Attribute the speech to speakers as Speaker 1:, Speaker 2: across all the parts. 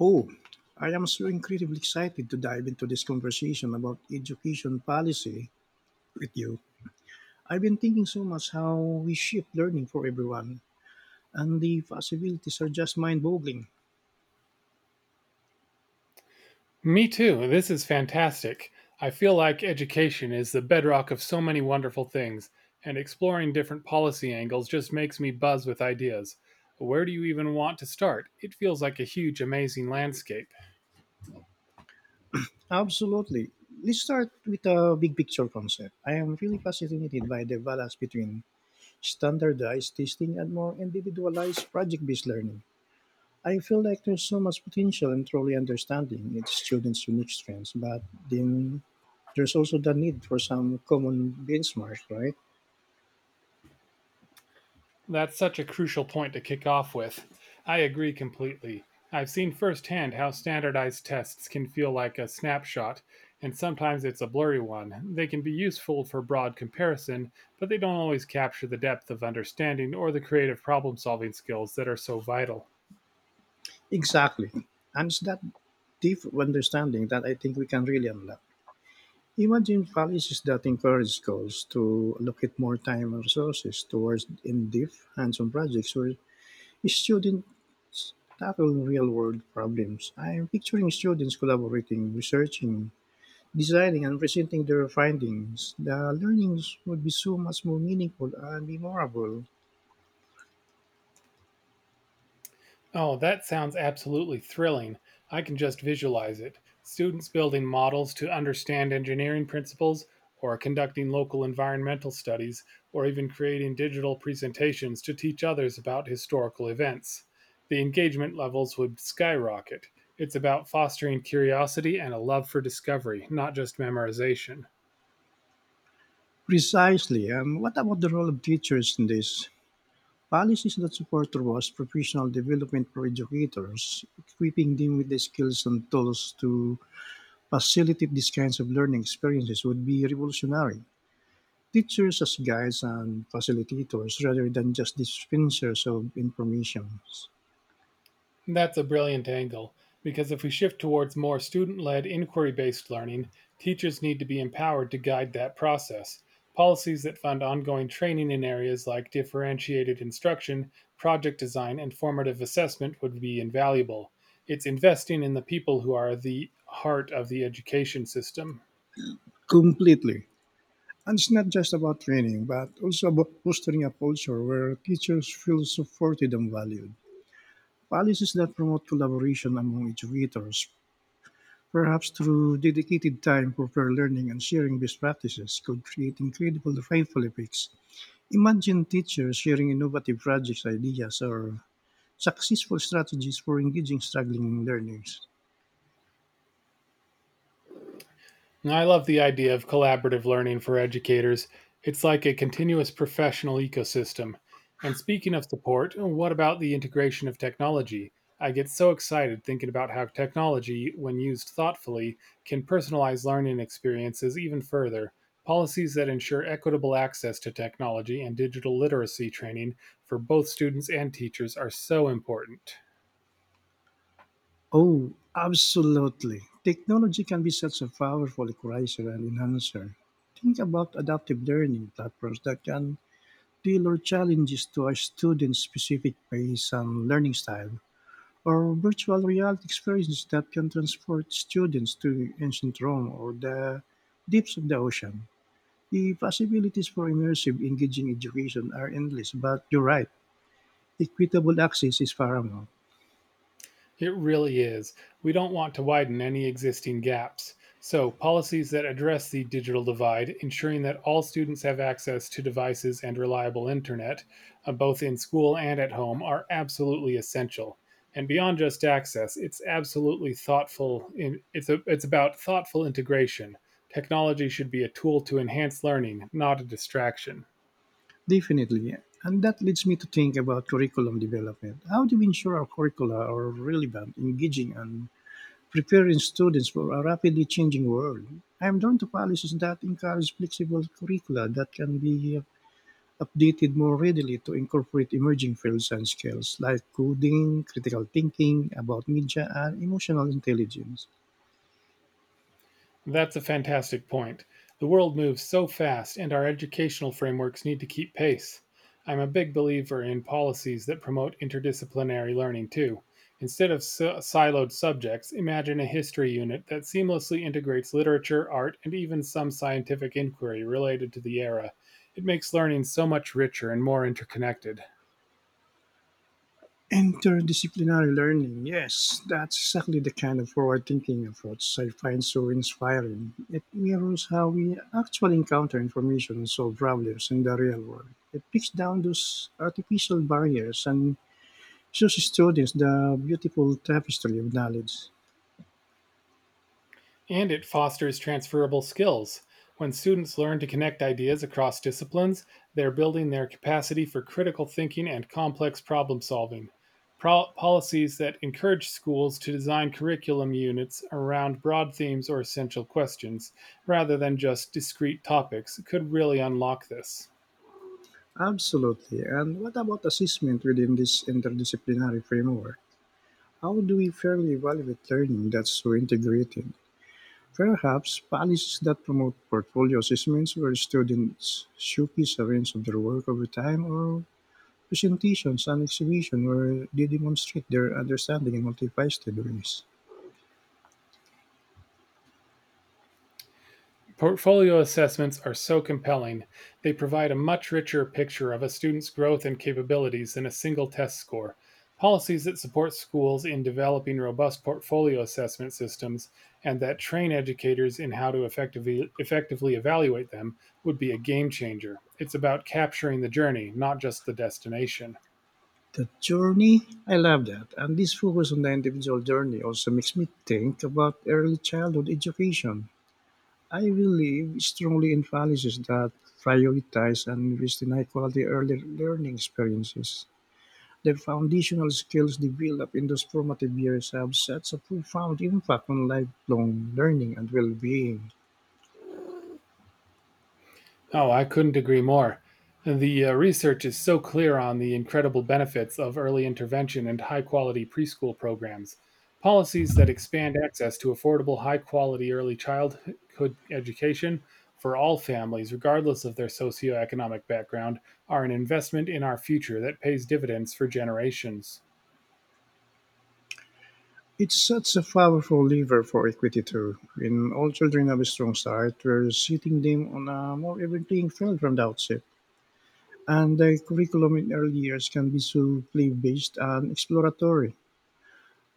Speaker 1: Oh, I am so incredibly excited to dive into this conversation about education policy with you. I've been thinking so much how we shape learning for everyone, and the possibilities are just mind boggling.
Speaker 2: Me too. This is fantastic. I feel like education is the bedrock of so many wonderful things, and exploring different policy angles just makes me buzz with ideas. Where do you even want to start? It feels like a huge, amazing landscape.
Speaker 1: Absolutely. Let's start with a big picture concept. I am really fascinated by the balance between standardized testing and more individualized project based learning. I feel like there's so much potential in truly understanding each student's unique strengths, but then there's also the need for some common benchmarks, right?
Speaker 2: That's such a crucial point to kick off with. I agree completely. I've seen firsthand how standardized tests can feel like a snapshot, and sometimes it's a blurry one. They can be useful for broad comparison, but they don't always capture the depth of understanding or the creative problem solving skills that are so vital.
Speaker 1: Exactly. And it's that deep understanding that I think we can really unlock. Imagine policies that encourage schools to allocate more time and resources towards in-depth hands-on projects where students tackle real-world problems. I'm picturing students collaborating, researching, designing and presenting their findings, the learnings would be so much more meaningful and memorable.
Speaker 2: Oh, that sounds absolutely thrilling. I can just visualize it. Students building models to understand engineering principles, or conducting local environmental studies, or even creating digital presentations to teach others about historical events. The engagement levels would skyrocket. It's about fostering curiosity and a love for discovery, not just memorization.
Speaker 1: Precisely. What about the role of teachers in this? Policies that support robust professional development for educators, equipping them with the skills and tools to facilitate these kinds of learning experiences would be revolutionary. Teachers as guides and facilitators rather than just dispensers of information.
Speaker 2: That's a brilliant angle, because if we shift towards more student led, inquiry based learning, teachers need to be empowered to guide that process. Policies that fund ongoing training in areas like differentiated instruction, project design, and formative assessment would be invaluable. It's investing in the people who are the heart of the education system.
Speaker 1: Completely. And it's not just about training, but also about fostering a culture where teachers feel supported and valued. Policies that promote collaboration among educators, perhaps through dedicated time for peer learning and sharing best practices, could create incredible ripple effects. Imagine teachers sharing innovative projects, ideas, or successful strategies for engaging struggling learners.
Speaker 2: I love the idea of collaborative learning for educators. It's like a continuous professional ecosystem. And speaking of support, what about the integration of technology? I get so excited thinking about how technology, when used thoughtfully, can personalize learning experiences even further. Policies that ensure equitable access to technology and digital literacy training for both students and teachers are so important.
Speaker 1: Oh, absolutely. Technology can be such a powerful equalizer and enhancer. Think about adaptive learning platforms that can tailor challenges to a student's specific pace and learning style, or virtual reality experiences that can transport students to ancient Rome or the depths of the ocean. The possibilities for immersive, engaging education are endless, but you're right, equitable access is paramount.
Speaker 2: It really is. We don't want to widen any existing gaps. So, policies that address the digital divide, ensuring that all students have access to devices and reliable internet, both in school and at home, are absolutely essential. And beyond just access, it's absolutely thoughtful. It's about thoughtful integration. Technology should be a tool to enhance learning, not a distraction.
Speaker 1: Definitely. And that leads me to think about curriculum development. How do we ensure our curricula are relevant, engaging, and preparing students for a rapidly changing world? I'm drawn to policies that encourage flexible curricula that can be updated more readily to incorporate emerging fields and skills like coding, critical thinking, about media, and emotional intelligence.
Speaker 2: That's a fantastic point. The world moves so fast, and our educational frameworks need to keep pace. I'm a big believer in policies that promote interdisciplinary learning too. Instead of siloed subjects, imagine a history unit that seamlessly integrates literature, art, and even some scientific inquiry related to the era. It makes learning so much richer and more interconnected.
Speaker 1: Interdisciplinary learning, yes, that's exactly the kind of forward thinking approach I find so inspiring. It mirrors how we actually encounter information and solve problems in the real world. It picks down those artificial barriers and shows students the beautiful tapestry of knowledge.
Speaker 2: And it fosters transferable skills. When students learn to connect ideas across disciplines, they're building their capacity for critical thinking and complex problem solving. Policies that encourage schools to design curriculum units around broad themes or essential questions, rather than just discrete topics, could really unlock this.
Speaker 1: Absolutely. And what about assessment within this interdisciplinary framework? How do we fairly evaluate learning that's so integrated? Perhaps policies that promote portfolio assessments where students showcase a range of their work over time or presentations and exhibitions where they demonstrate their understanding in multifaceted ways.
Speaker 2: Portfolio assessments are so compelling, they provide a much richer picture of a student's growth and capabilities than a single test score. Policies that support schools in developing robust portfolio assessment systems and that train educators in how to effectively evaluate them would be a game changer. It's about capturing the journey, not just the destination.
Speaker 1: The journey, I love that. And this focus on the individual journey also makes me think about early childhood education. I believe strongly in policies that prioritize and invest in high quality early learning experiences. The foundational skills developed in those formative years have such a profound impact on lifelong learning and well-being.
Speaker 2: Oh, I couldn't agree more. The research is so clear on the incredible benefits of early intervention and high quality preschool programs. Policies that expand access to affordable, high quality early childhood education for all families, regardless of their socioeconomic background, are an investment in our future that pays dividends for generations.
Speaker 1: It's such a powerful lever for equity too. When all children have a strong start, we're setting them on a more even playing field from the outset. And the curriculum in early years can be so play-based and exploratory.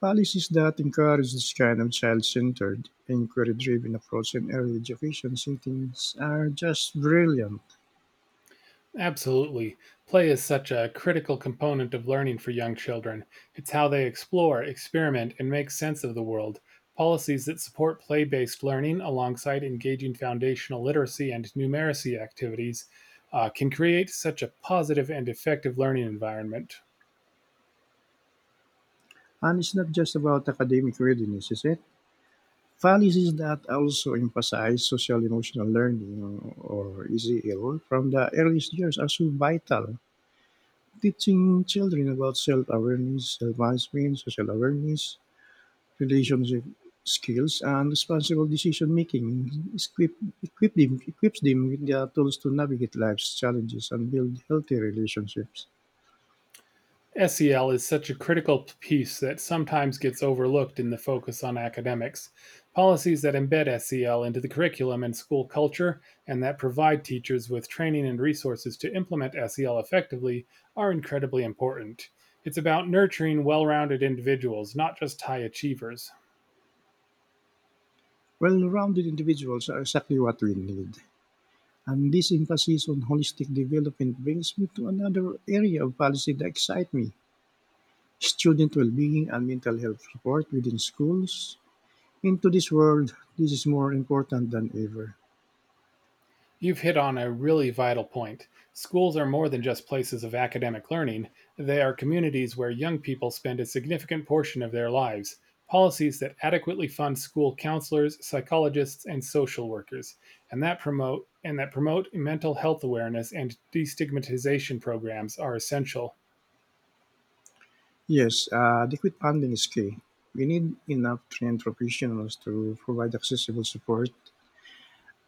Speaker 1: Policies that encourage this kind of child-centered, inquiry-driven approach in early education settings are just brilliant.
Speaker 2: Absolutely. Play is such a critical component of learning for young children. It's how they explore, experiment, and make sense of the world. Policies that support play based learning alongside engaging foundational literacy and numeracy activities can create such a positive and effective learning environment.
Speaker 1: And it's not just about academic readiness, is it? Policies that also emphasize social emotional learning or ECL from the earliest years are so vital. Teaching children about self awareness, self management, social awareness, relationship skills, and responsible decision making equips them with the tools to navigate life's challenges and build healthy relationships.
Speaker 2: SEL is such a critical piece that sometimes gets overlooked in the focus on academics. Policies that embed SEL into the curriculum and school culture, and that provide teachers with training and resources to implement SEL effectively, are incredibly important. It's about nurturing well rounded individuals, not just high achievers.
Speaker 1: Well rounded individuals are exactly what we need. And this emphasis on holistic development brings me to another area of policy that excites me student well being and mental health support within schools. In today's world, this is more important than ever.
Speaker 2: You've hit on a really vital point. Schools are more than just places of academic learning, they are communities where young people spend a significant portion of their lives. Policies that adequately fund school counselors, psychologists, and social workers, and that promote mental health awareness and destigmatization programs are essential.
Speaker 1: Yes, adequate funding is key. We need enough trained professionals to provide accessible support.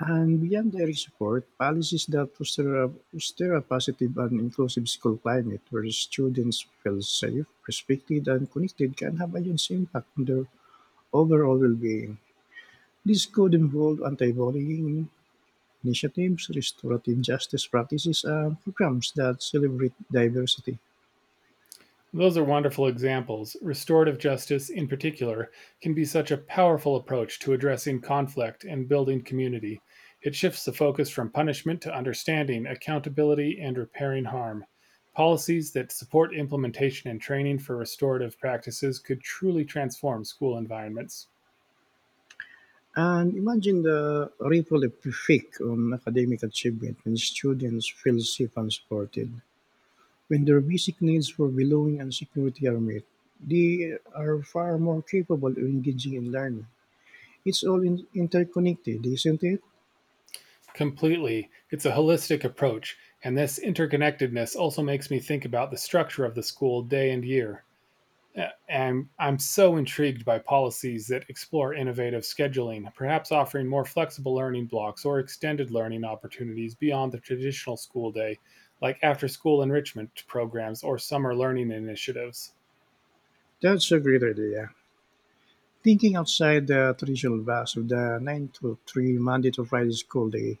Speaker 1: And beyond direct support, policies that foster a positive and inclusive school climate where students feel safe, respected, and connected can have a huge impact on their overall well-being. This could involve anti-bullying initiatives, restorative justice practices, and programs that celebrate diversity.
Speaker 2: Those are wonderful examples. Restorative justice, in particular, can be such a powerful approach to addressing conflict and building community. It shifts the focus from punishment to understanding, accountability, and repairing harm. Policies that support implementation and training for restorative practices could truly transform school environments.
Speaker 1: And imagine the ripple effect on academic achievement when students feel safe and supported. When their basic needs for belonging and security are met, they are far more capable of engaging in learning. It's interconnected, isn't it?
Speaker 2: Completely. It's a holistic approach, and this interconnectedness also makes me think about the structure of the school day and year. I'm so intrigued by policies that explore innovative scheduling, perhaps offering more flexible learning blocks or extended learning opportunities beyond the traditional school day, like after school enrichment programs or summer learning initiatives.
Speaker 1: That's a great idea. Thinking outside the traditional box of the 9 to 3 Monday to Friday school day,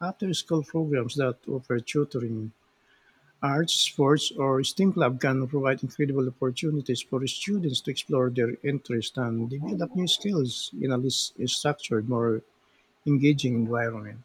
Speaker 1: after school programs that offer tutoring, arts, sports, or STEM club can provide incredible opportunities for students to explore their interests and develop new skills in a less structured, more engaging environment.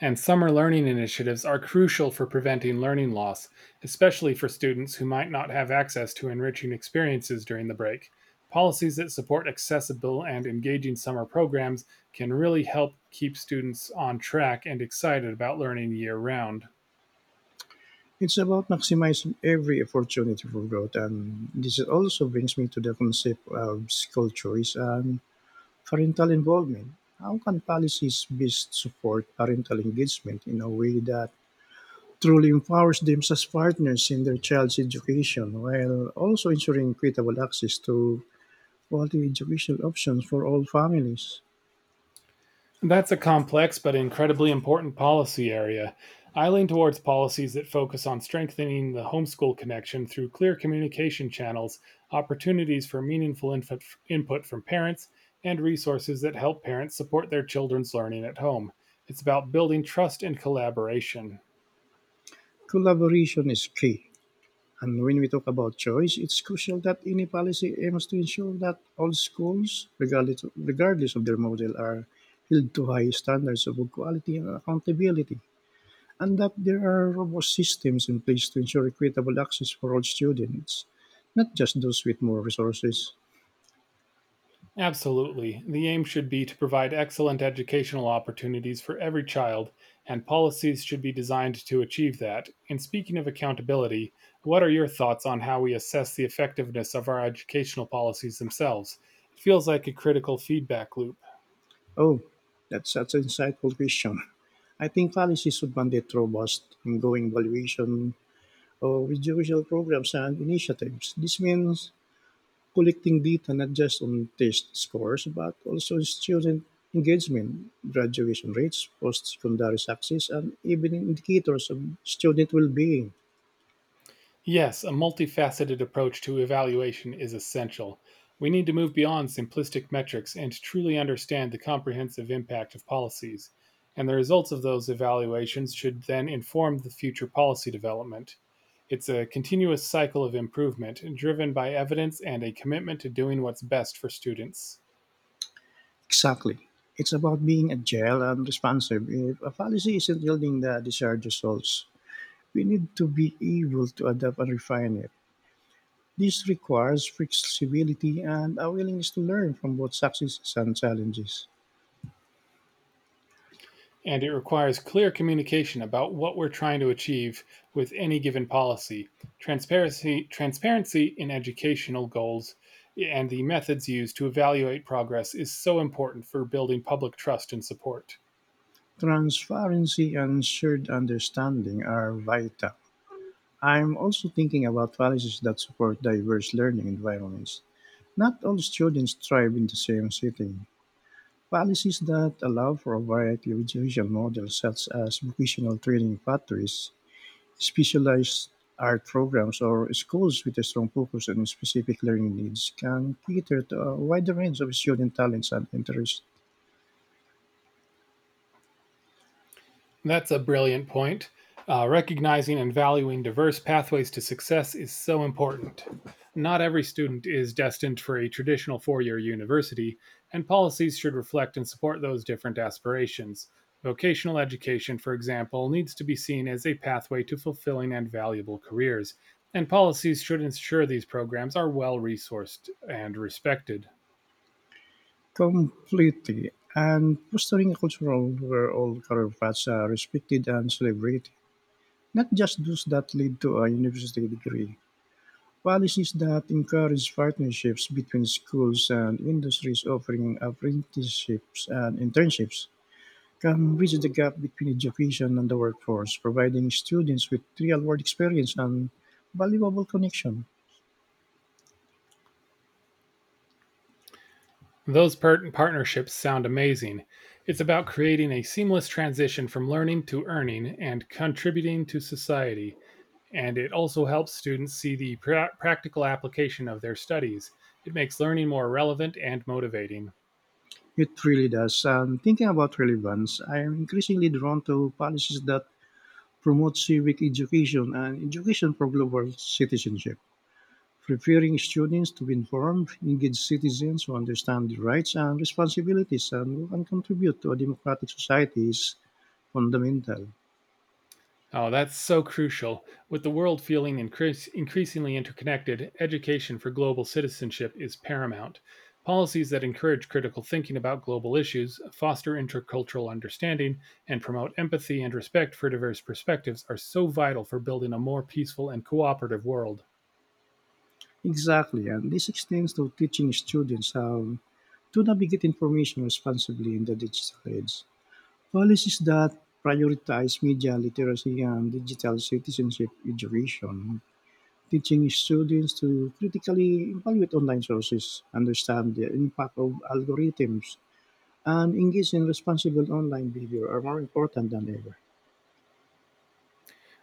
Speaker 2: And summer learning initiatives are crucial for preventing learning loss, especially for students who might not have access to enriching experiences during the break. Policies that support accessible and engaging summer programs can really help keep students on track and excited about learning year round.
Speaker 1: It's about maximizing every opportunity for growth, and this also brings me to the concept of school choice and parental involvement. How can policies best support parental engagement in a way that truly empowers them as partners in their child's education while also ensuring equitable access to quality educational options for all families?
Speaker 2: That's a complex but incredibly important policy area. I lean towards policies that focus on strengthening the homeschool connection through clear communication channels, opportunities for meaningful input from parents, and resources that help parents support their children's learning at home. It's about building trust and collaboration.
Speaker 1: Collaboration is key. And when we talk about choice, it's crucial that any policy aims to ensure that all schools, regardless of their model, are held to high standards of equality and accountability, and that there are robust systems in place to ensure equitable access for all students, not just those with more resources.
Speaker 2: Absolutely. The aim should be to provide excellent educational opportunities for every child, and policies should be designed to achieve that. And speaking of accountability, what are your thoughts on how we assess the effectiveness of our educational policies themselves? It feels like a critical feedback loop.
Speaker 1: Oh, that's such an insightful question. I think policies should mandate robust, ongoing evaluation of individual programs and initiatives. This means collecting data not just on test scores, but also on student engagement, graduation rates, post-secondary success, and even indicators of student well-being.
Speaker 2: Yes, a multifaceted approach to evaluation is essential. We need to move beyond simplistic metrics and truly understand the comprehensive impact of policies, and the results of those evaluations should then inform the future policy development. It's a continuous cycle of improvement driven by evidence and a commitment to doing what's best for students.
Speaker 1: Exactly. It's about being agile and responsive. If a policy isn't yielding the desired results, we need to be able to adapt and refine it. This requires flexibility and a willingness to learn from both successes and challenges.
Speaker 2: And it requires clear communication about what we're trying to achieve with any given policy, transparency in educational goals, and the methods used to evaluate progress is so important for building public trust and support.
Speaker 1: Transparency and shared understanding are vital. I'm also thinking about policies that support diverse learning environments. Not all students thrive in the same setting. Policies that allow for a variety of education models, such as vocational training factories, specialized art programs, or schools with a strong focus on specific learning needs, can cater to a wider range of student talents and interests
Speaker 2: That's a brilliant point. Recognizing and valuing diverse pathways to success is so important. Not every student is destined for a traditional 4 year university, and policies should reflect and support those different aspirations. Vocational education, for example, needs to be seen as a pathway to fulfilling and valuable careers, and policies should ensure these programs are well resourced and respected.
Speaker 1: completely and fostering a cultural where all career paths are respected and celebrated, not just those that lead to a university degree. Policies that encourage partnerships between schools and industries offering apprenticeships and internships can bridge the gap between education and the workforce, providing students with real world experience and valuable connection.
Speaker 2: Those partnerships sound amazing. It's about creating a seamless transition from learning to earning and contributing to society. And it also helps students see the practical application of their studies. It makes learning more relevant and motivating.
Speaker 1: It really does. And thinking about relevance, I am increasingly drawn to policies that promote civic education and education for global citizenship, preparing students to be informed, engaged citizens who understand their rights and responsibilities and who can contribute to a democratic society is fundamental.
Speaker 2: Oh, that's so crucial. With the world feeling increasingly interconnected, education for global citizenship is paramount. Policies that encourage critical thinking about global issues, foster intercultural understanding, and promote empathy and respect for diverse perspectives are so vital for building a more peaceful and cooperative world.
Speaker 1: Exactly, and this extends to teaching students how to navigate information responsibly in the digital age. Policies that prioritize media literacy and digital citizenship education, teaching students to critically evaluate online sources, understand the impact of algorithms, and engage in responsible online behavior are more important than ever.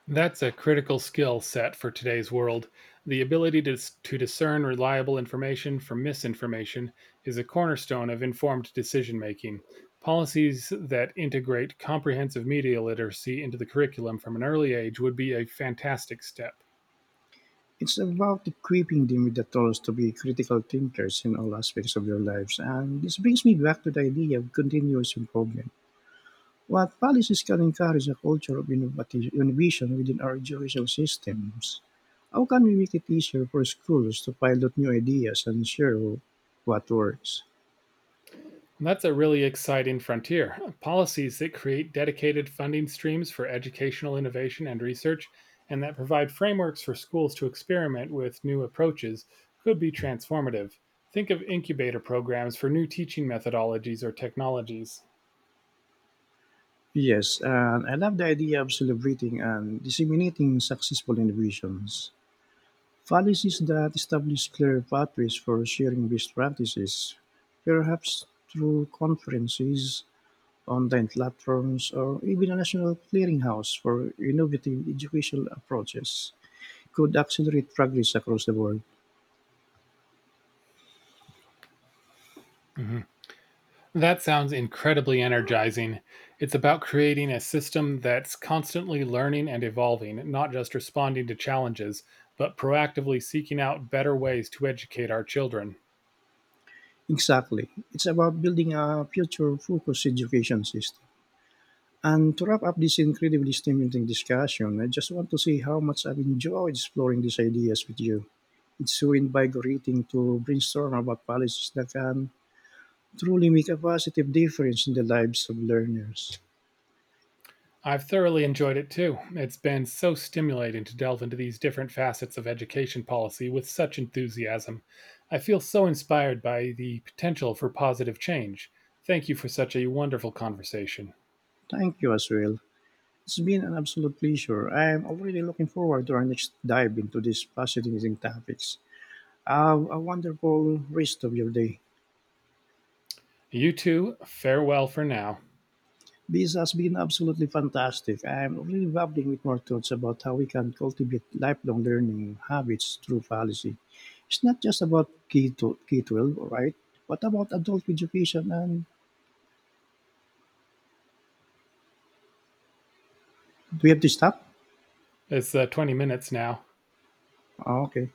Speaker 2: That's a critical skill set for today's world. The ability to discern reliable information from misinformation is a cornerstone of informed decision making. Policies that integrate comprehensive media literacy into the curriculum from an early age would be a fantastic step.
Speaker 1: It's about equipping them with the tools to be critical thinkers in all aspects of their lives, and this brings me back to the idea of continuous improvement. What policies can encourage a culture of innovative innovation within our educational systems? How can we make it easier for schools to pilot new ideas and share what works?
Speaker 2: That's a really exciting frontier. Policies that create dedicated funding streams for educational innovation and research, and that provide frameworks for schools to experiment with new approaches, could be transformative. Think of incubator programs for new teaching methodologies or technologies.
Speaker 1: Yes, and I love the idea of celebrating and disseminating successful innovations. Policies that establish clear pathways for sharing best practices, perhaps through conferences, online platforms, or even a national clearinghouse for innovative educational approaches, could accelerate progress across the board.
Speaker 2: Mhm. That sounds incredibly energizing. It's about creating a system that's constantly learning and evolving, not just responding to challenges, but proactively seeking out better ways to educate our children.
Speaker 1: Exactly. It's about building a future focused education system. And to wrap up this incredibly stimulating discussion, I just want to say how much I've enjoyed exploring these ideas with you. It's so invigorating to brainstorm about policies that can truly make a positive difference in the lives of learners.
Speaker 2: I've thoroughly enjoyed it too. It's been so stimulating to delve into these different facets of education policy with such enthusiasm. I feel so inspired by the potential for positive change. Thank you for such a wonderful conversation.
Speaker 1: Thank you as well. It's been an absolute pleasure. I'm already looking forward to our next dive into these fascinating topics. Have a wonderful rest of your day.
Speaker 2: You too, farewell for now.
Speaker 1: This has been absolutely fantastic. I'm really bubbling with more thoughts about how we can cultivate lifelong learning habits through policy. It's not just about K to K 12, right? What about adult education? And do we have to stop?
Speaker 2: It's 20 minutes now.
Speaker 1: Ah, okay.